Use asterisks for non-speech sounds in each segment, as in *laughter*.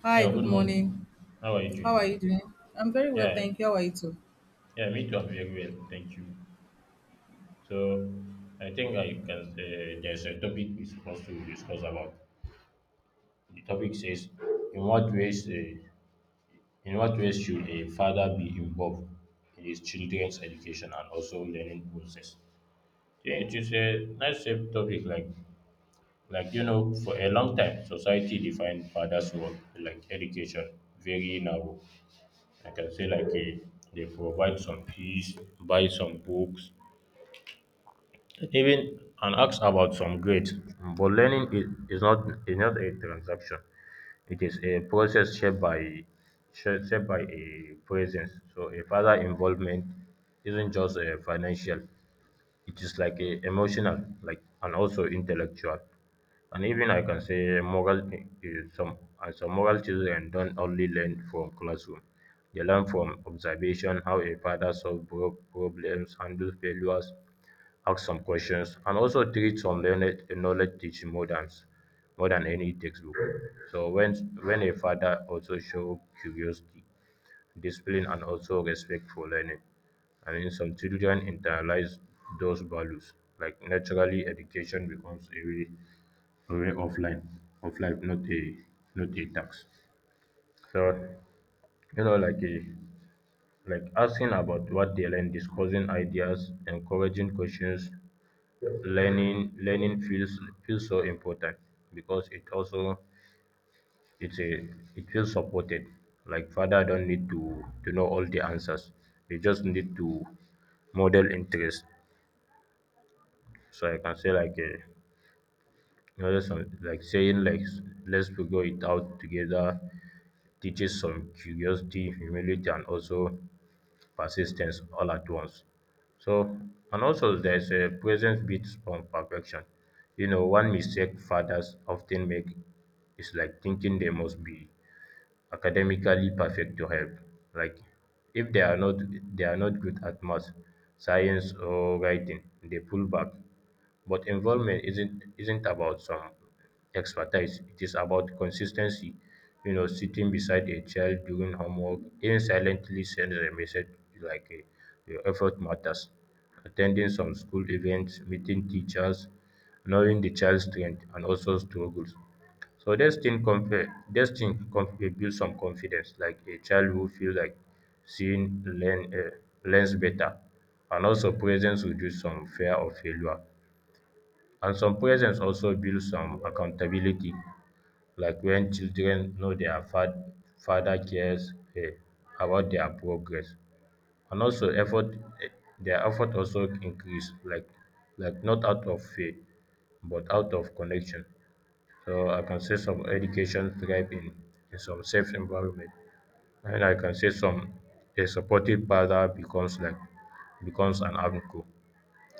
Hi, Yeah, good good morning. morning. How are you How are you doing? doing? I'm very well, Yeah, thank you. How are you too? yeah, me too. I'm very well, thank you. So, I think I can. There's a topic we're supposed to discuss about. The topic says, in what ways, uh, in what ways should a father be involved in his children's education and also learning process? Yeah, it is a nice topic. Like, you know, for a long time, society defined father's role like education very narrow. I can say like, they provide some fees, buy some books, even and ask about some grades. But learning is not a transaction. It is a process shaped by shaped by a presence. So a further involvement isn't just a financial. It is like a emotional, like and also intellectual. And even I can say moral is some moral children don't only learn from classroom. They learn from observation, how a father solves problems, handles failures, asks some questions, and also treats some learned knowledge teaching more than any textbook. So when a father also show curiosity, discipline, and also respect for learning, I mean some children internalize those values. Like naturally, education becomes a way of life of life, not a tax. So, you know, like a like asking about what they learn, discussing ideas, encouraging questions, learning feels so important because it also it's a it feels supported. Like father don't need to know all the answers, they just need to model interest. So I can say like a you know, some, like saying like let's figure it out together teaches some curiosity, humility, and also persistence all at once. So, and also there's a presence beats on perfection. You know, one mistake fathers often make is like thinking they must be academically perfect to help. Like if they are not, they are not good at math, science or writing, they pull back. But involvement isn't about some expertise, it is about consistency. You know, sitting beside a child during homework even silently send a message like, your effort matters, attending some school events, meeting teachers, knowing the child's strength and also struggles. So dating compare, dating dey build some confidence. Like a child who feel like seeing learn, learns better. And also presence reduce some fear of failure, and some presence also build some accountability. Like when children know their fa father cares about their progress and also effort, their effort also increase, like not out of fear but out of connection. So I can say some education thrive in some safe environment. And I can say some, a supportive father becomes like, becomes an anchor,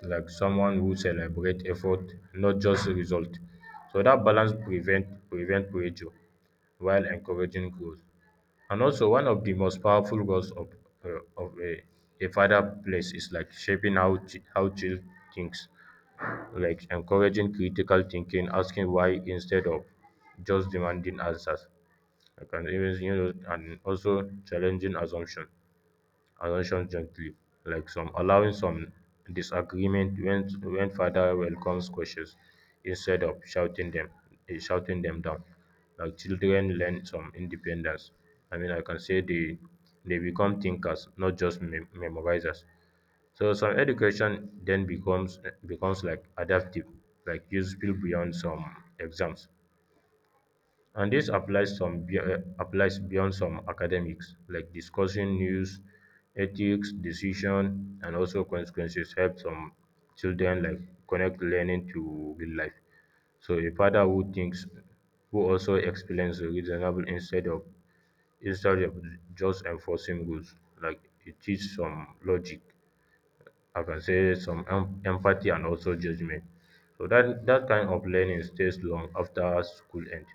like someone who celebrates effort, not just result. So that balance prevent pressure while encouraging growth. And also one of the most powerful roles of uh, of a, a father plays is like shaping how how child thinks, like encouraging critical thinking, asking why instead of just demanding answers. I can even, you know, and also challenging assumption. Annotations gently, like some allowing some disagreement when father welcomes questions instead of shouting them shouting them down. Like children learn some independence. I mean, I can say they become thinkers, not just memorizers. So some education then becomes like adaptive, like useful beyond some exams. And this applies applies beyond some academics, like discussing news, ethics, decision, and also consequences help some children like connect learning to real life. So a father who thinks, who also experiences reasonable instead of just enforcing rules, like it teaches some logic. I can say some empathy and also judgment. So that kind of learning stays long after school end,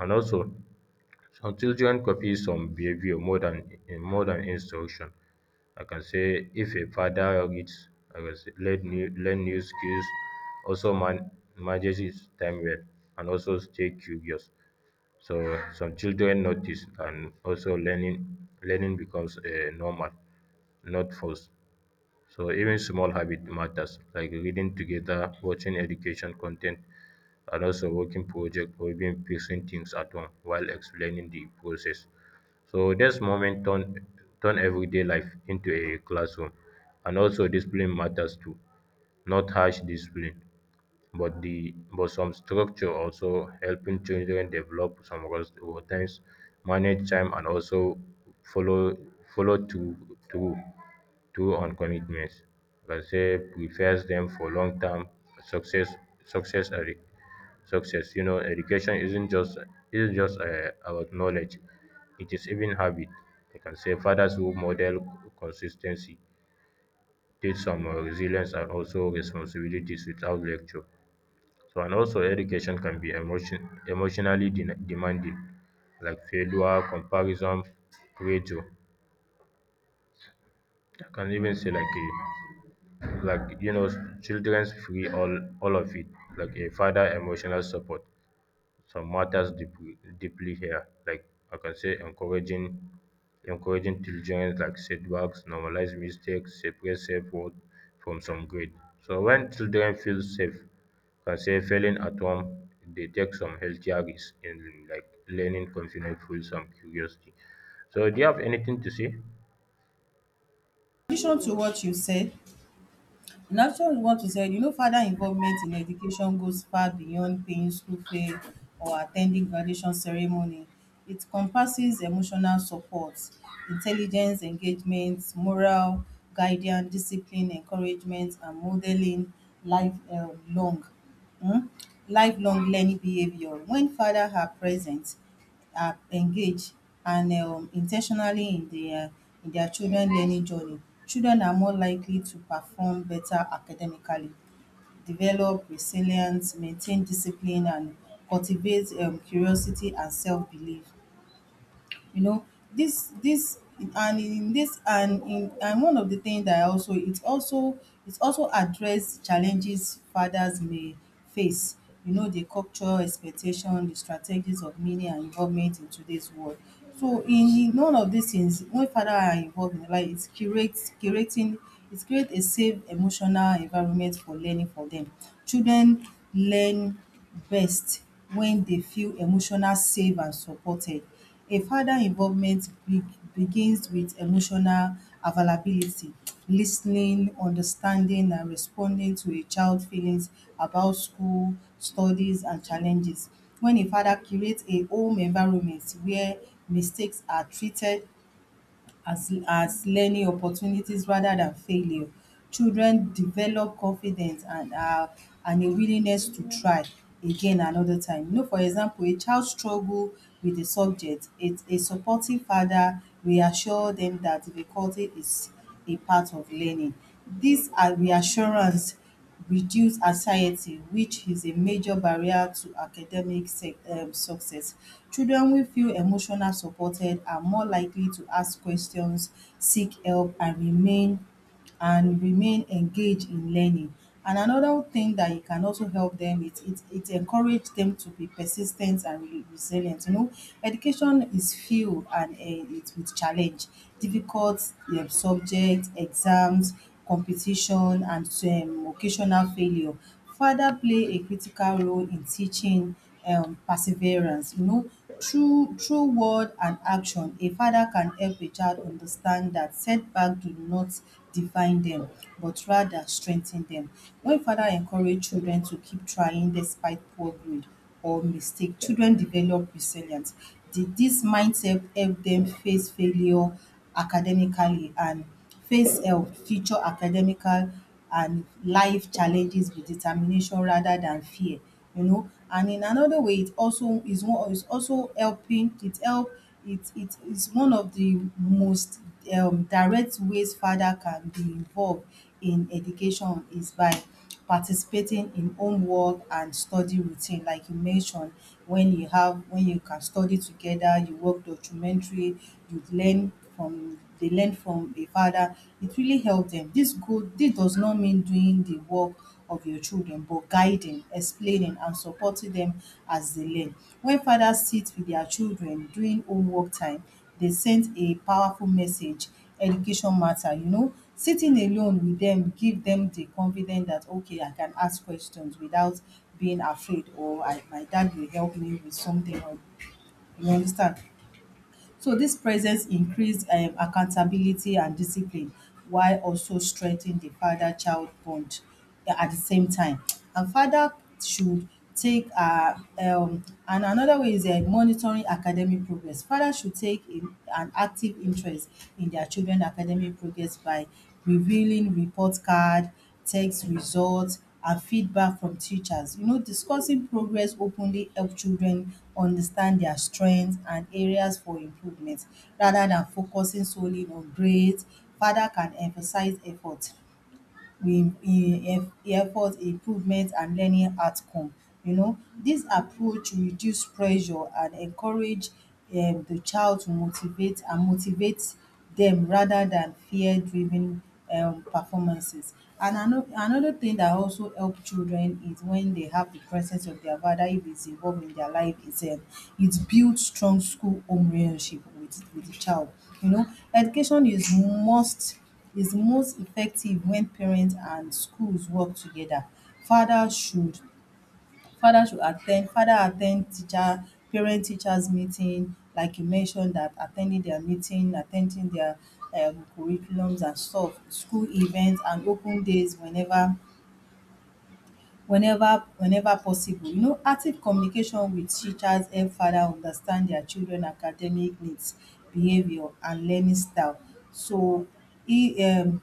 and also some children copy some behavior more than in more than instruction. I can say if a father reads, I can say learn new skills, also manages his time well, and also stay curious. So some children notice, and also learning becomes normal, not forced. So even small habit matters, like reading together, watching education content, and also working project or even fixing things at home while explaining the process. So this moment turn everyday life into a classroom. And also discipline matters too. Not harsh discipline, but the but some structure also helping children develop some routines, manage time and also follow follow through through through on commitments. Let's say prepares them for long term success success and success. You know, education isn't just about knowledge; it is even habit. I can say fathers who model consistency, teach some resilience and also responsibilities without lecture. So and also education can be emotionally demanding, like failure, comparison, pressure. I can even say like, you know, children's free all of it. Like a father emotional support some matters deeply here. Like I can say encouraging children like setbacks, normalize mistakes, separate safe word from some grade. So when children feel safe, can say failing at home, they take some healthier risks in like learning confidence, full some curiosity. So do you have anything to say? Addition to what you said, In addition to what you said, you know, father involvement in education goes far beyond paying school fee or attending graduation ceremony. It encompasses emotional support, intelligence, engagement, moral, guidance, discipline, encouragement, and modeling life um, long, um, lifelong learning behavior. When father are present, are engaged and intentionally in the in their children learning journey, children are more likely to perform better academically, develop resilience, maintain discipline and cultivate curiosity and self belief. You know, this this and in and one of the things that I also it also it also address challenges fathers may face. You know, the cultural expectation, the strategies of meaning and involvement in today's world. So in all of these things, when father are involved in life, it create a safe emotional environment for learning for them. Children learn best when they feel emotional safe and supported. A father involvement be begins with emotional availability, lis ten ing, understanding and responding to a child feelings about school, studies and challenges. When a father creates a home environment where mistakes are treated as learning opportunities rather than failure. Children develop confidence and a willingness to try again another time. You know, for example, a child struggle with a subject, a supportive father reassure them that difficulty is a part of learning. Dis Reassurance reduce anxiety, which is a major barrier to academic sec success. Children wey feel emotional supported are more likely to ask questions, seek help and remain engaged in learning. And another thing that it can also help them, it encourage them to be persistent and resilient. You know, education is filled and it with challenge, difficult subject, exams, competition and occasional failure. Father play a critical role in teaching perseverance. You know, through word and action, a father can help a child understand that setback do not define them but rather strengthen them. When father encourage children to keep trying despite poor grade or mistake, children develop resilience. The this mindset help them face failure academically and face future academical and life challenges with determination rather than fear. You know, and in another way, it also is one is also helping it help it is one of the most direct ways father can be involved in education is by participating in homework and study routine, like you mentioned. When you have when you can study together, you work documentary, you learn from they learn from a father. It really help them. This does not mean doing the work of your children, but guiding, explaining and supporting them as they learn. When fathers sit with their children during homework time, they sent a powerful message: education matter. You know, sitting alone with them give them the confidence that, okay, I can ask questions without being afraid, or my dad will help me with something, or you understand. So this presence increased accountability and discipline while also strengthening the father child bond at the same time. And father should take and another way is, monitoring academic progress. Father should take in an active interest in their children academic progress by revealing report card, tests, results, and feedback from teachers. You know, discussing progress openly help children understand their strengths and areas for improvement rather than focusing solely on grades. Father can emphasize we effort, improvement and learning outcome. You know, this approach reduce pressure and encourage the child to motivate them rather than fear driven performances. And another thing that also help children is when they have the presence of their father, if it's involved in their life itself. It build strong school home relationship with the child. You know, education is most effective when parents and schools work together. Father should father attend teacher parent teachers meeting, like you mentioned, that attending their meeting, attending their curriculums and stuff, school events and open days whenever possible. You know, active communication with teachers help father understand their children academic needs, behaviour and learning style. So he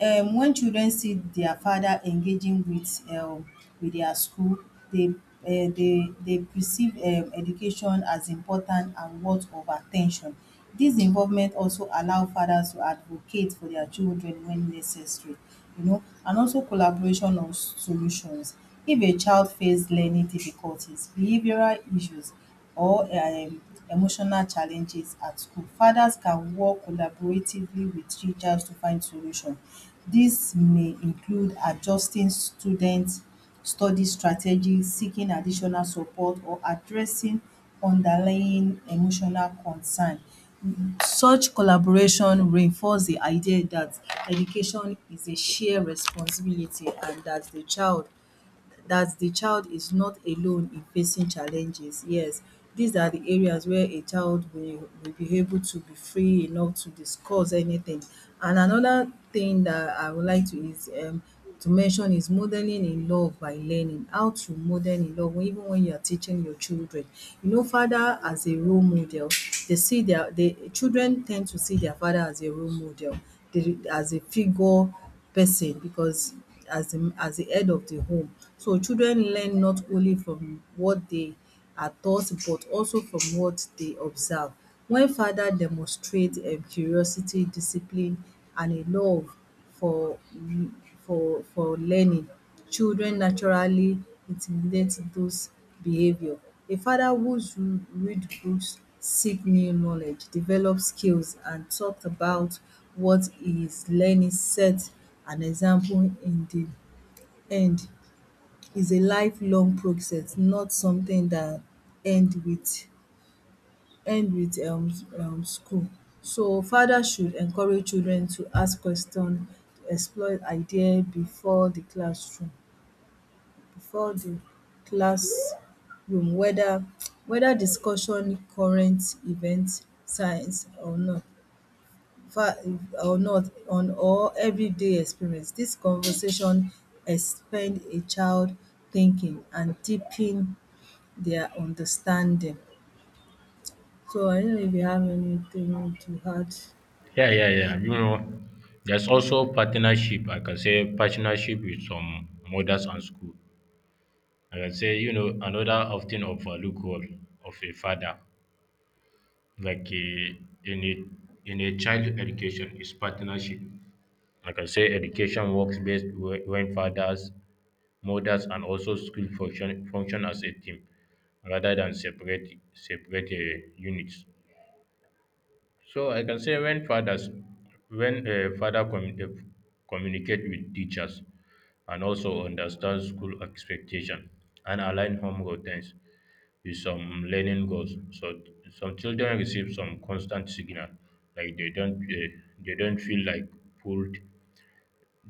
when children see their father engaging with their school, they perceive education as important and worth of attention. This involvement also allow fathers to advocate for their children when necessary. You know, and also collaboration on solutions. If a child face learning difficulties, behavioral issues or emotional challenges at school, fathers can work collaboratively with teachers to find solution. Dis may include adjusting students' study strategies, seeking additional support or addressing underlying emotional concern. Such collaboration reinforce the idea dat education is a shared responsibility and dat the child that the child is not alone in facing challenges. Yes, these are the areas where a child will be able to be free enough to discuss anything. And another thing that I would like to mention is modeling in love, by learning how to model in love even when you are teaching your children. You know, father as a role model, the children tend to see their father as a role model, they as a figure person, because as the head of the home. So children learn not only from what they are taught but also from what they observe. When father demonstrate curiosity, discipline and a love for for learning, children naturally intimidate those behavior. A father whose read books, seek new knowledge, develop skills and talk about what he is learning set an example in the end, is a lifelong process, not something that end with end with school. So father should encourage children to ask question, explore idea before the classroom, bifor di classroom whether whether discussion current events, science, fa- or not on or everyday experience. This conversation expand a child thinking and deepen their understanding. So I don't know if you have anything to add. Yeah, yeah, yeah. You know, there's also partnership. I can say partnership with some mothers and school. Like I can say, you know, another often overlooked role of a father, in a child education, is partnership. Like I can say education works best when fathers, mothers, and also school function as a team rather than separate units. So I can say when fathers when a father communicate with teachers and also understand school expectation and align home routines with some learning goals. So some children receive some constant signal, like they don't feel like pulled,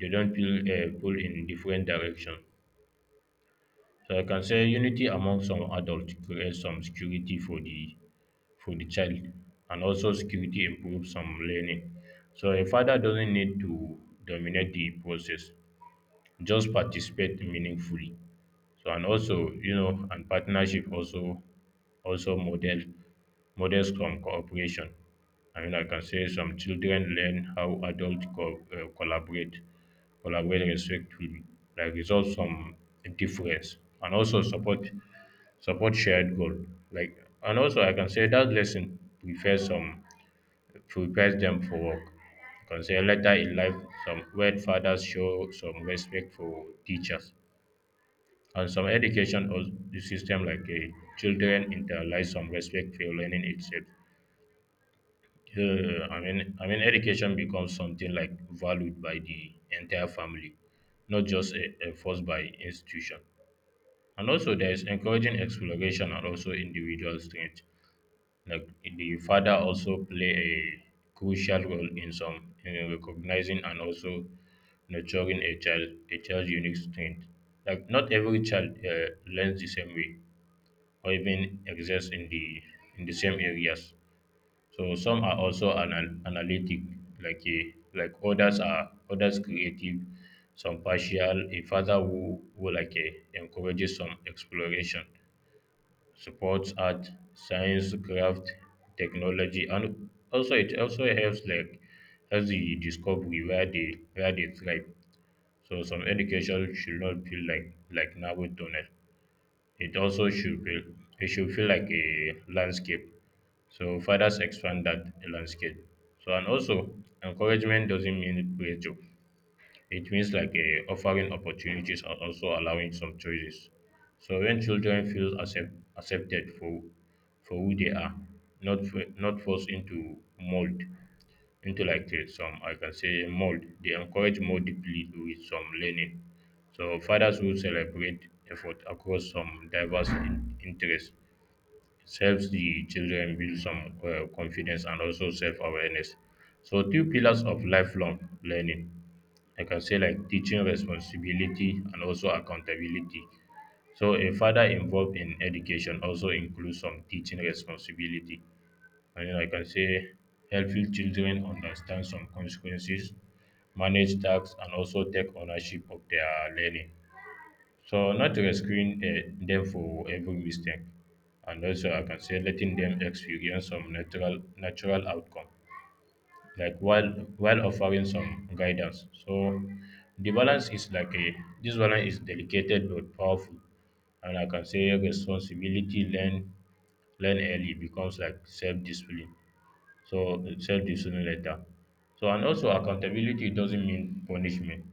they don't feel pulled in different direction. So I can say unity among some adults creates some security for the child, and also security improves some learning. So a father doesn't need to dominate the process; just participate meaningfully. So and also, you know, and partnership also also model models from cooperation. I mean, I can say some children learn how adults collaborate respectfully, like resolve some difference, and also support shared goal. Like, and also I can say that lesson prepares some, prepares them for work. I can say later in life, some where fathers show some respect for teachers and some education or the system like children internalize some respect for learning itself, I mean education becomes something like valued by the entire family, not just a force by institution. And also there is encouraging exploration and also individual strength. Like the father also play a crucial role in some in recognizing and also nurturing a child a child's unique strength. Like not every child learns the same way or even exist in the same areas. So some are also analytic, like others are others creative, some partial. A father who encourages some exploration, supports art, science, craft, technology, and also it also helps like helps the discovery where they thrive. So some education should not feel like narrow tunnel. It also should be, it should feel like a landscape. So fathers expand that landscape. So and also encouragement doesn't mean pressure. It means like a offering opportunities and also allowing some choices. So when children feel accepted for who they are, not forced into mold, into like some I can say mold. They encourage more deeply with some learning. So fathers who celebrate effort across some diverse interests, it helps the children build some confidence and also self-awareness. So two pillars of lifelong learning. I can say like teaching responsibility and also accountability. So a father involved in education also includes some teaching responsibility, and like I can say, helping children understand some consequences, manage tasks, and also take ownership of their learning. So, not rescuing them for every mistake. And also, I can say letting them experience some natural outcome, like while offering some guidance. So, the balance is like a this balance is delicate but powerful. And I can say responsibility learn early becomes like self discipline. So self-discipline letter. So and also accountability doesn't mean punishment.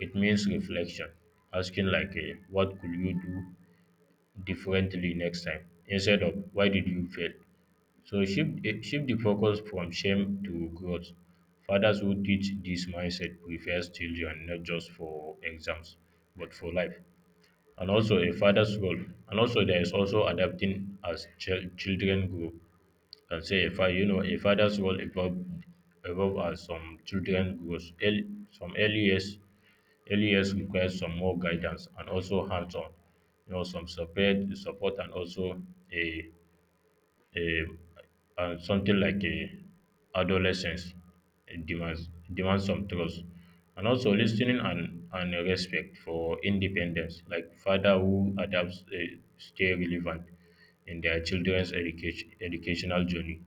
It means reflection. Asking like, what could you do differently next time instead of why did you fail? So shift the focus from shame to growth. Fathers who teach this mindset prepares children not just for exams but for life. And also a father's role. And also there is also adapting as children grow. I'll say you know a father's role evolve as some children grows. Early, some early years, early years requires some more guidance and also hands-on. You know, some support and also a a and something like a adolescence, it demands some trust and also listening and a respect for independence. Like father who adapts stay relevant in their children's educational journey.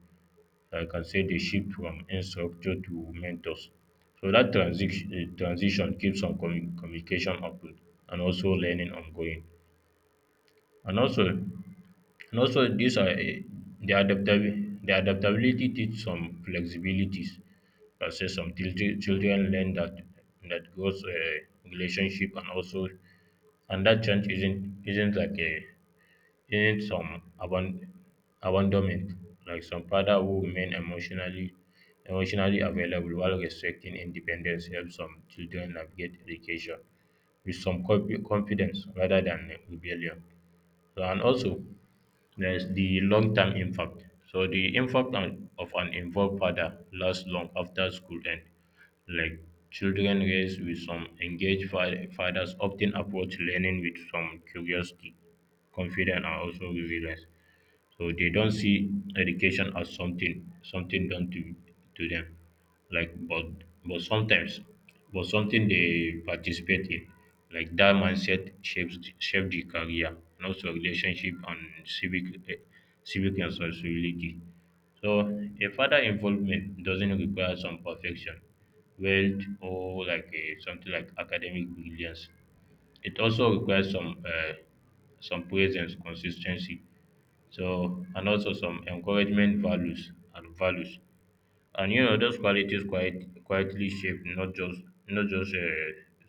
I can say they shift from instructor to mentors. So that transition keeps on communication open and also learning ongoing. And also these are the adaptability, the adaptability teach some flexibilities. I say some children learn that goes relationship and also and that change isn't like a in some abandonment. Like some father who remain emotionally available while respecting independence help some children navigate education with some confidence rather than rebellion. So and also there's the long term impact. So, the impact of an involved father lasts long after school end. Like children raised with some engaged fathers often approach learning with some curiosity, confidence, and also resilience. So they don't see education as something done to them, like but sometimes, but something they participate in, like that mindset shape the career, and also relationship and civic eh, civic responsibility. So a further involvement doesn't require some perfection, wealth or like something like academic brilliance. It also requires some presence, consistency, so and also some encouragement values and values. And you know those qualities quite quietly shape not just a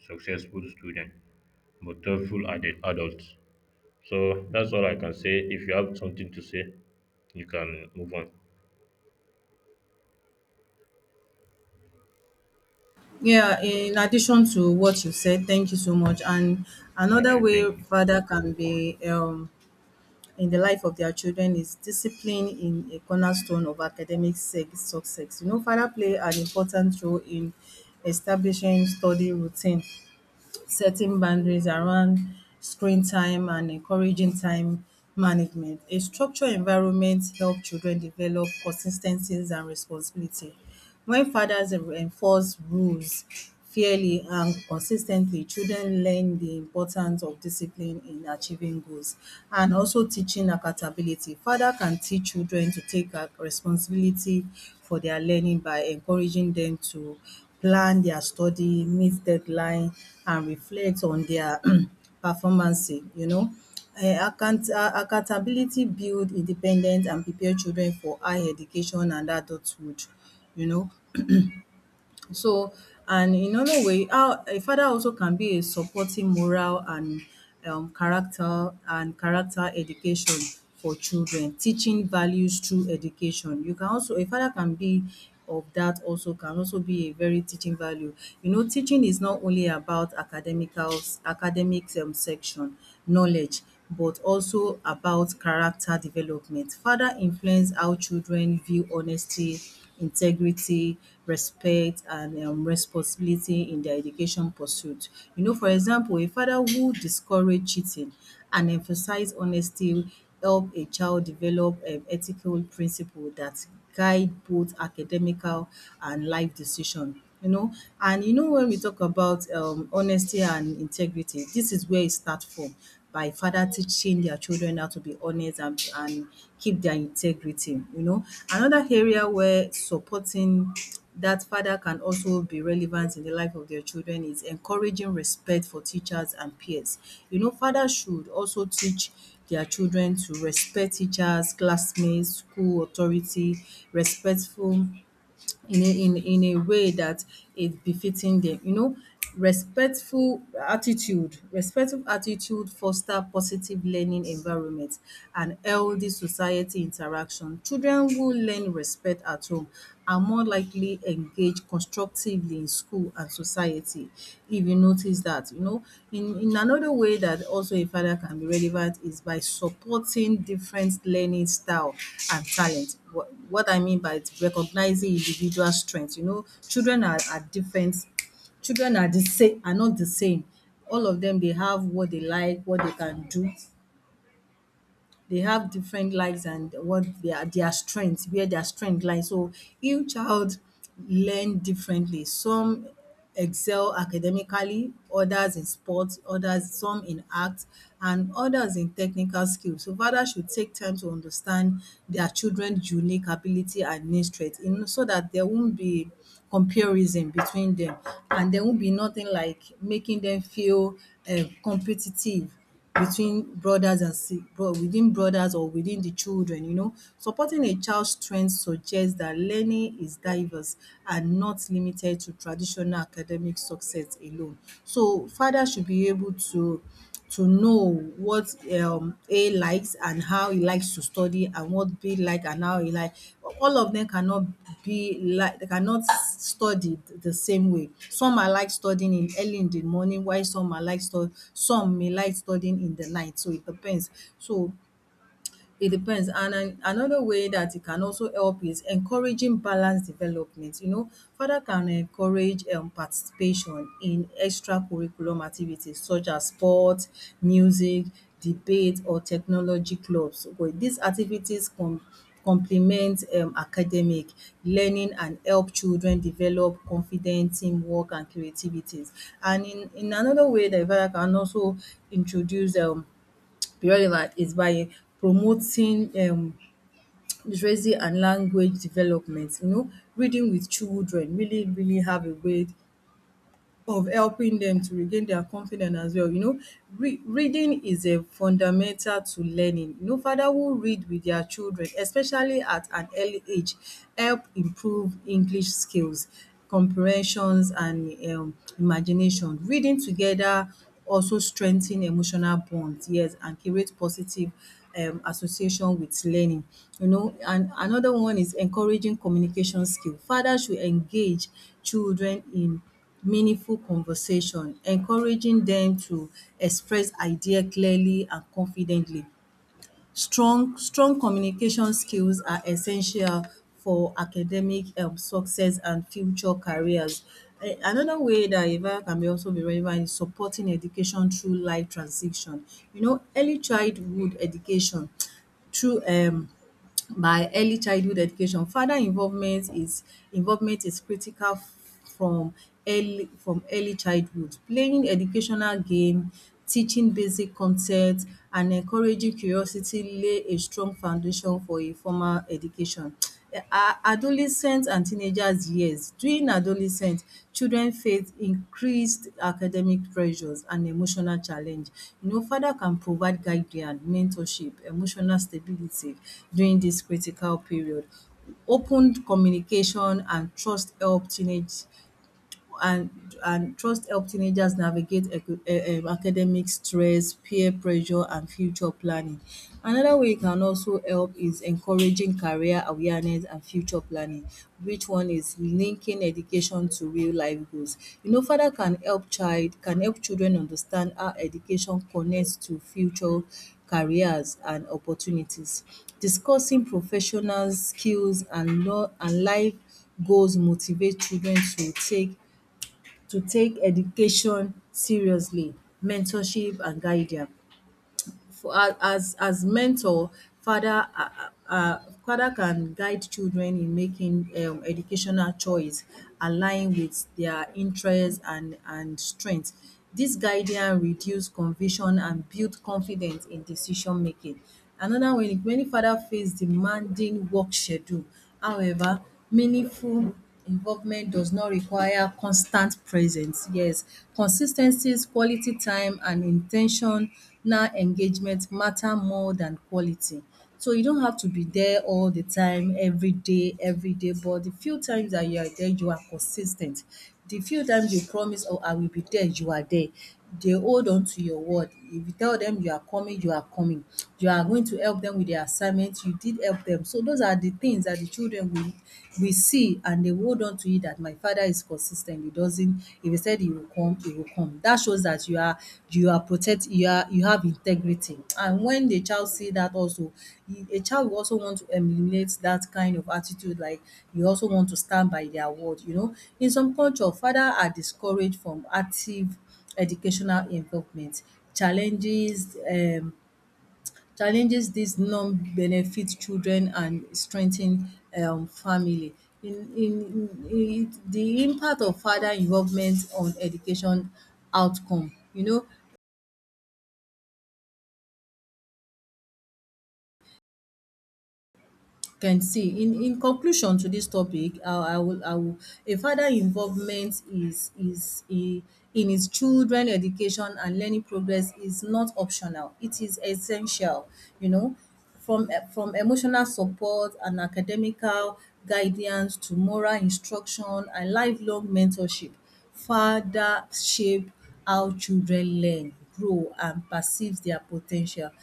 successful student but thoughtful adults. So that's all I can say. If you have something to say, you can move on. Yeah, in addition to what you said, thank you so much. And Yeah, another thank way you. father can be in the life of their children is discipline, in a cornerstone of academic success. You know, father play an important role in establishing study routine, setting boundaries around screen time and encouraging time management. A structured environment help children develop consistencies and responsibility. When fathers enforce rules fairly and consistently, children learn the importance of discipline in achieving goals, and also teaching accountability. Father can teach children to take responsibility for their learning by encouraging them to plan their study, meet deadline and reflect on their *clears throat* performance. You know. Accountability build independence and prepare children for higher education and adulthood, you know. So, and in another way, how a father also can be a supporting moral and character, and character education for children, teaching values through education. You can also a father can be of that also can also be a very teaching value. You know, teaching is not only about academics section knowledge, but also about character development. Father influence how children view honesty, integrity, respect and responsibility in their education pursuit. You know, for example, a father who discourage cheating and emphasize honesty help a child develop ethical principle that guide both academical and life decision. You know, and you know, when we talk about honesty and integrity, this is where it start from, by father teaching their children how to be honest and keep their integrity, you know. Another area where supporting that father can also be relevant in the life of their children is encouraging respect for teachers and peers. You know, fathers should also teach their children to respect teachers, classmates, school authority, respectful in in a way that is befitting them. You know, respectful attitude foster positive learning environment and healthy society interaction. Children who learn respect at home are more likely engage constructively in school and society if you notice that in another way that also a father can be relevant is by supporting different learning style and talent. What I mean by it, recognizing individual strengths. Children are different, children are the same are not the same, all of them they have what they like, what they can do. They have different lives and what their strength, where their strength lies. So each child learn differently. Some excel academically, others in sports, others some in art, and others in technical skills. So fathers should take time to understand their children's unique ability and need strength, so that there won't be comparison between them, and there won't be nothing like making them feel competitive between brothers and si bro within brothers or within the children, you know. Supporting a child's strength suggests that learning is diverse and not limited to traditional academic success alone. So, fathers should be able to know what A likes and how he likes to study, and what B like and how he like. All of them cannot be like, they cannot study the same way. Some are like studying in early in the morning, while some are like stu some may like studying in the night, so it depends. So it depends. And an another way that it can also help is encouraging balanced development. You know, father can encourage participation in extracurriculum activities such as sports, music, debate or technology clubs. But these activities complement academic learning and help children develop confidence, teamwork and creativities. And in another way, the father can also introduce relevant is by promoting literacy and language development. You know, reading with children really, really have a way of helping them to regain their confidence as well, you know. Re Reading is a fundamental to learning. You know, father who read with their children, especially at an early age, help improve English skills, comprehensions and imagination. Reading together also strengthen emotional bonds, yes, and create positive association with learning. You know, and another one is encouraging communication skill. Father should engage children in meaningful conversation, encouraging them to express idea clearly and confidently. Strong communication skills are essential for academic success and future careers. Another way that Evang can be also be relevant is supporting education through life transition. You know, early childhood education *tsk* through by early childhood education. Father involvement is Involvement is critical from from early childhood. Playing educational game, teaching basic concepts, and encouraging curiosity lay a strong foundation for a formal education. A adolescent and teenagers years. During adolescent, children face increased academic pressures and emotional challenge. You know, father can provide guidance, mentorship, emotional stability during this critical period. Open communication and trust help teenage and and trust help teenagers navigate academic stress, peer pressure, and future planning. Another way it can also help is encouraging career awareness and future planning, which one is linking education to real life goals. You know, father can help children understand how education connects to future careers and opportunities. Discussing professional skills and law and life goals motivate children to take education seriously, mentorship and guidance. For as mentor, father father can guide children in making educational choice align with their interest and strength. This guidance reduce confusion and build confidence in decision making. Another way many father face demanding work schedule, however meaningful involvement does not require constant presence. Yes, consis ten cies, quality time and in ten tional engagement matter more than quality. So you don't have to be there all the time, every day, but the few times that you are there, you are consis ten t. The few times you promise, “Oh, I will be there,” you are there, they hold on to your word. If you tell them you are coming, you are coming. You are going to help them with their assignment, you did help them. So those are the things that the children will see, and they hold on to it that my father is consistent. He doesn't, if he said he will come, he will come. That shows that you are protect you are, you have integrity. And when the child see that also, a child will also want to emulate that kind of attitude, like you also want to stand by their word, you know. In some culture, father are discouraged from active educational involvement, challenges um challenges these non-benefit children and strengthen family. In the impact of father involvement on education outcome. You know, can see in conclusion to this topic, I will a father involvement is a in his children education and learning progress is not optional, it is essential. You know, from from emotional support and academical guidance to moral instruction and lifelong mentorship, father shape how children learn, grow and perceive their po ten tial.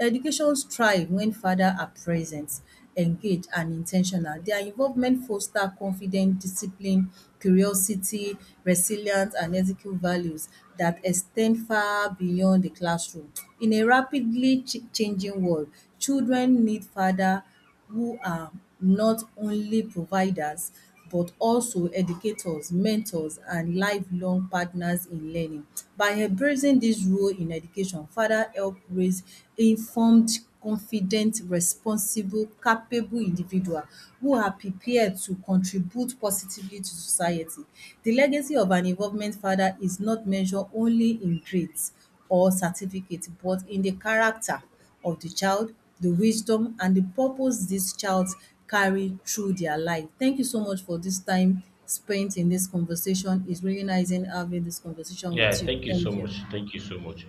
Education thrive when father are present, engaged and in ten tional. Their involvement foster confidence, discipline, curiosity, resilience and ethical values that extend far beyond the classroom. In a rapidly changing world, children need father who are not only providers but also educators, mentors and lifelong partners in learning. By embracing this role in education, father help raise informed, confident, responsible, capable individual who are prepared to contribute positively to society. The legacy of an involvement father is not measured only in grades or certificates, but in the character of the child, the wisdom and the purpose these child carry through their life. Thank you so much for this time spent in this conversation. It's really nice in having this conversation with Yeah, you. thank you so Thank you. much. Thank you so much.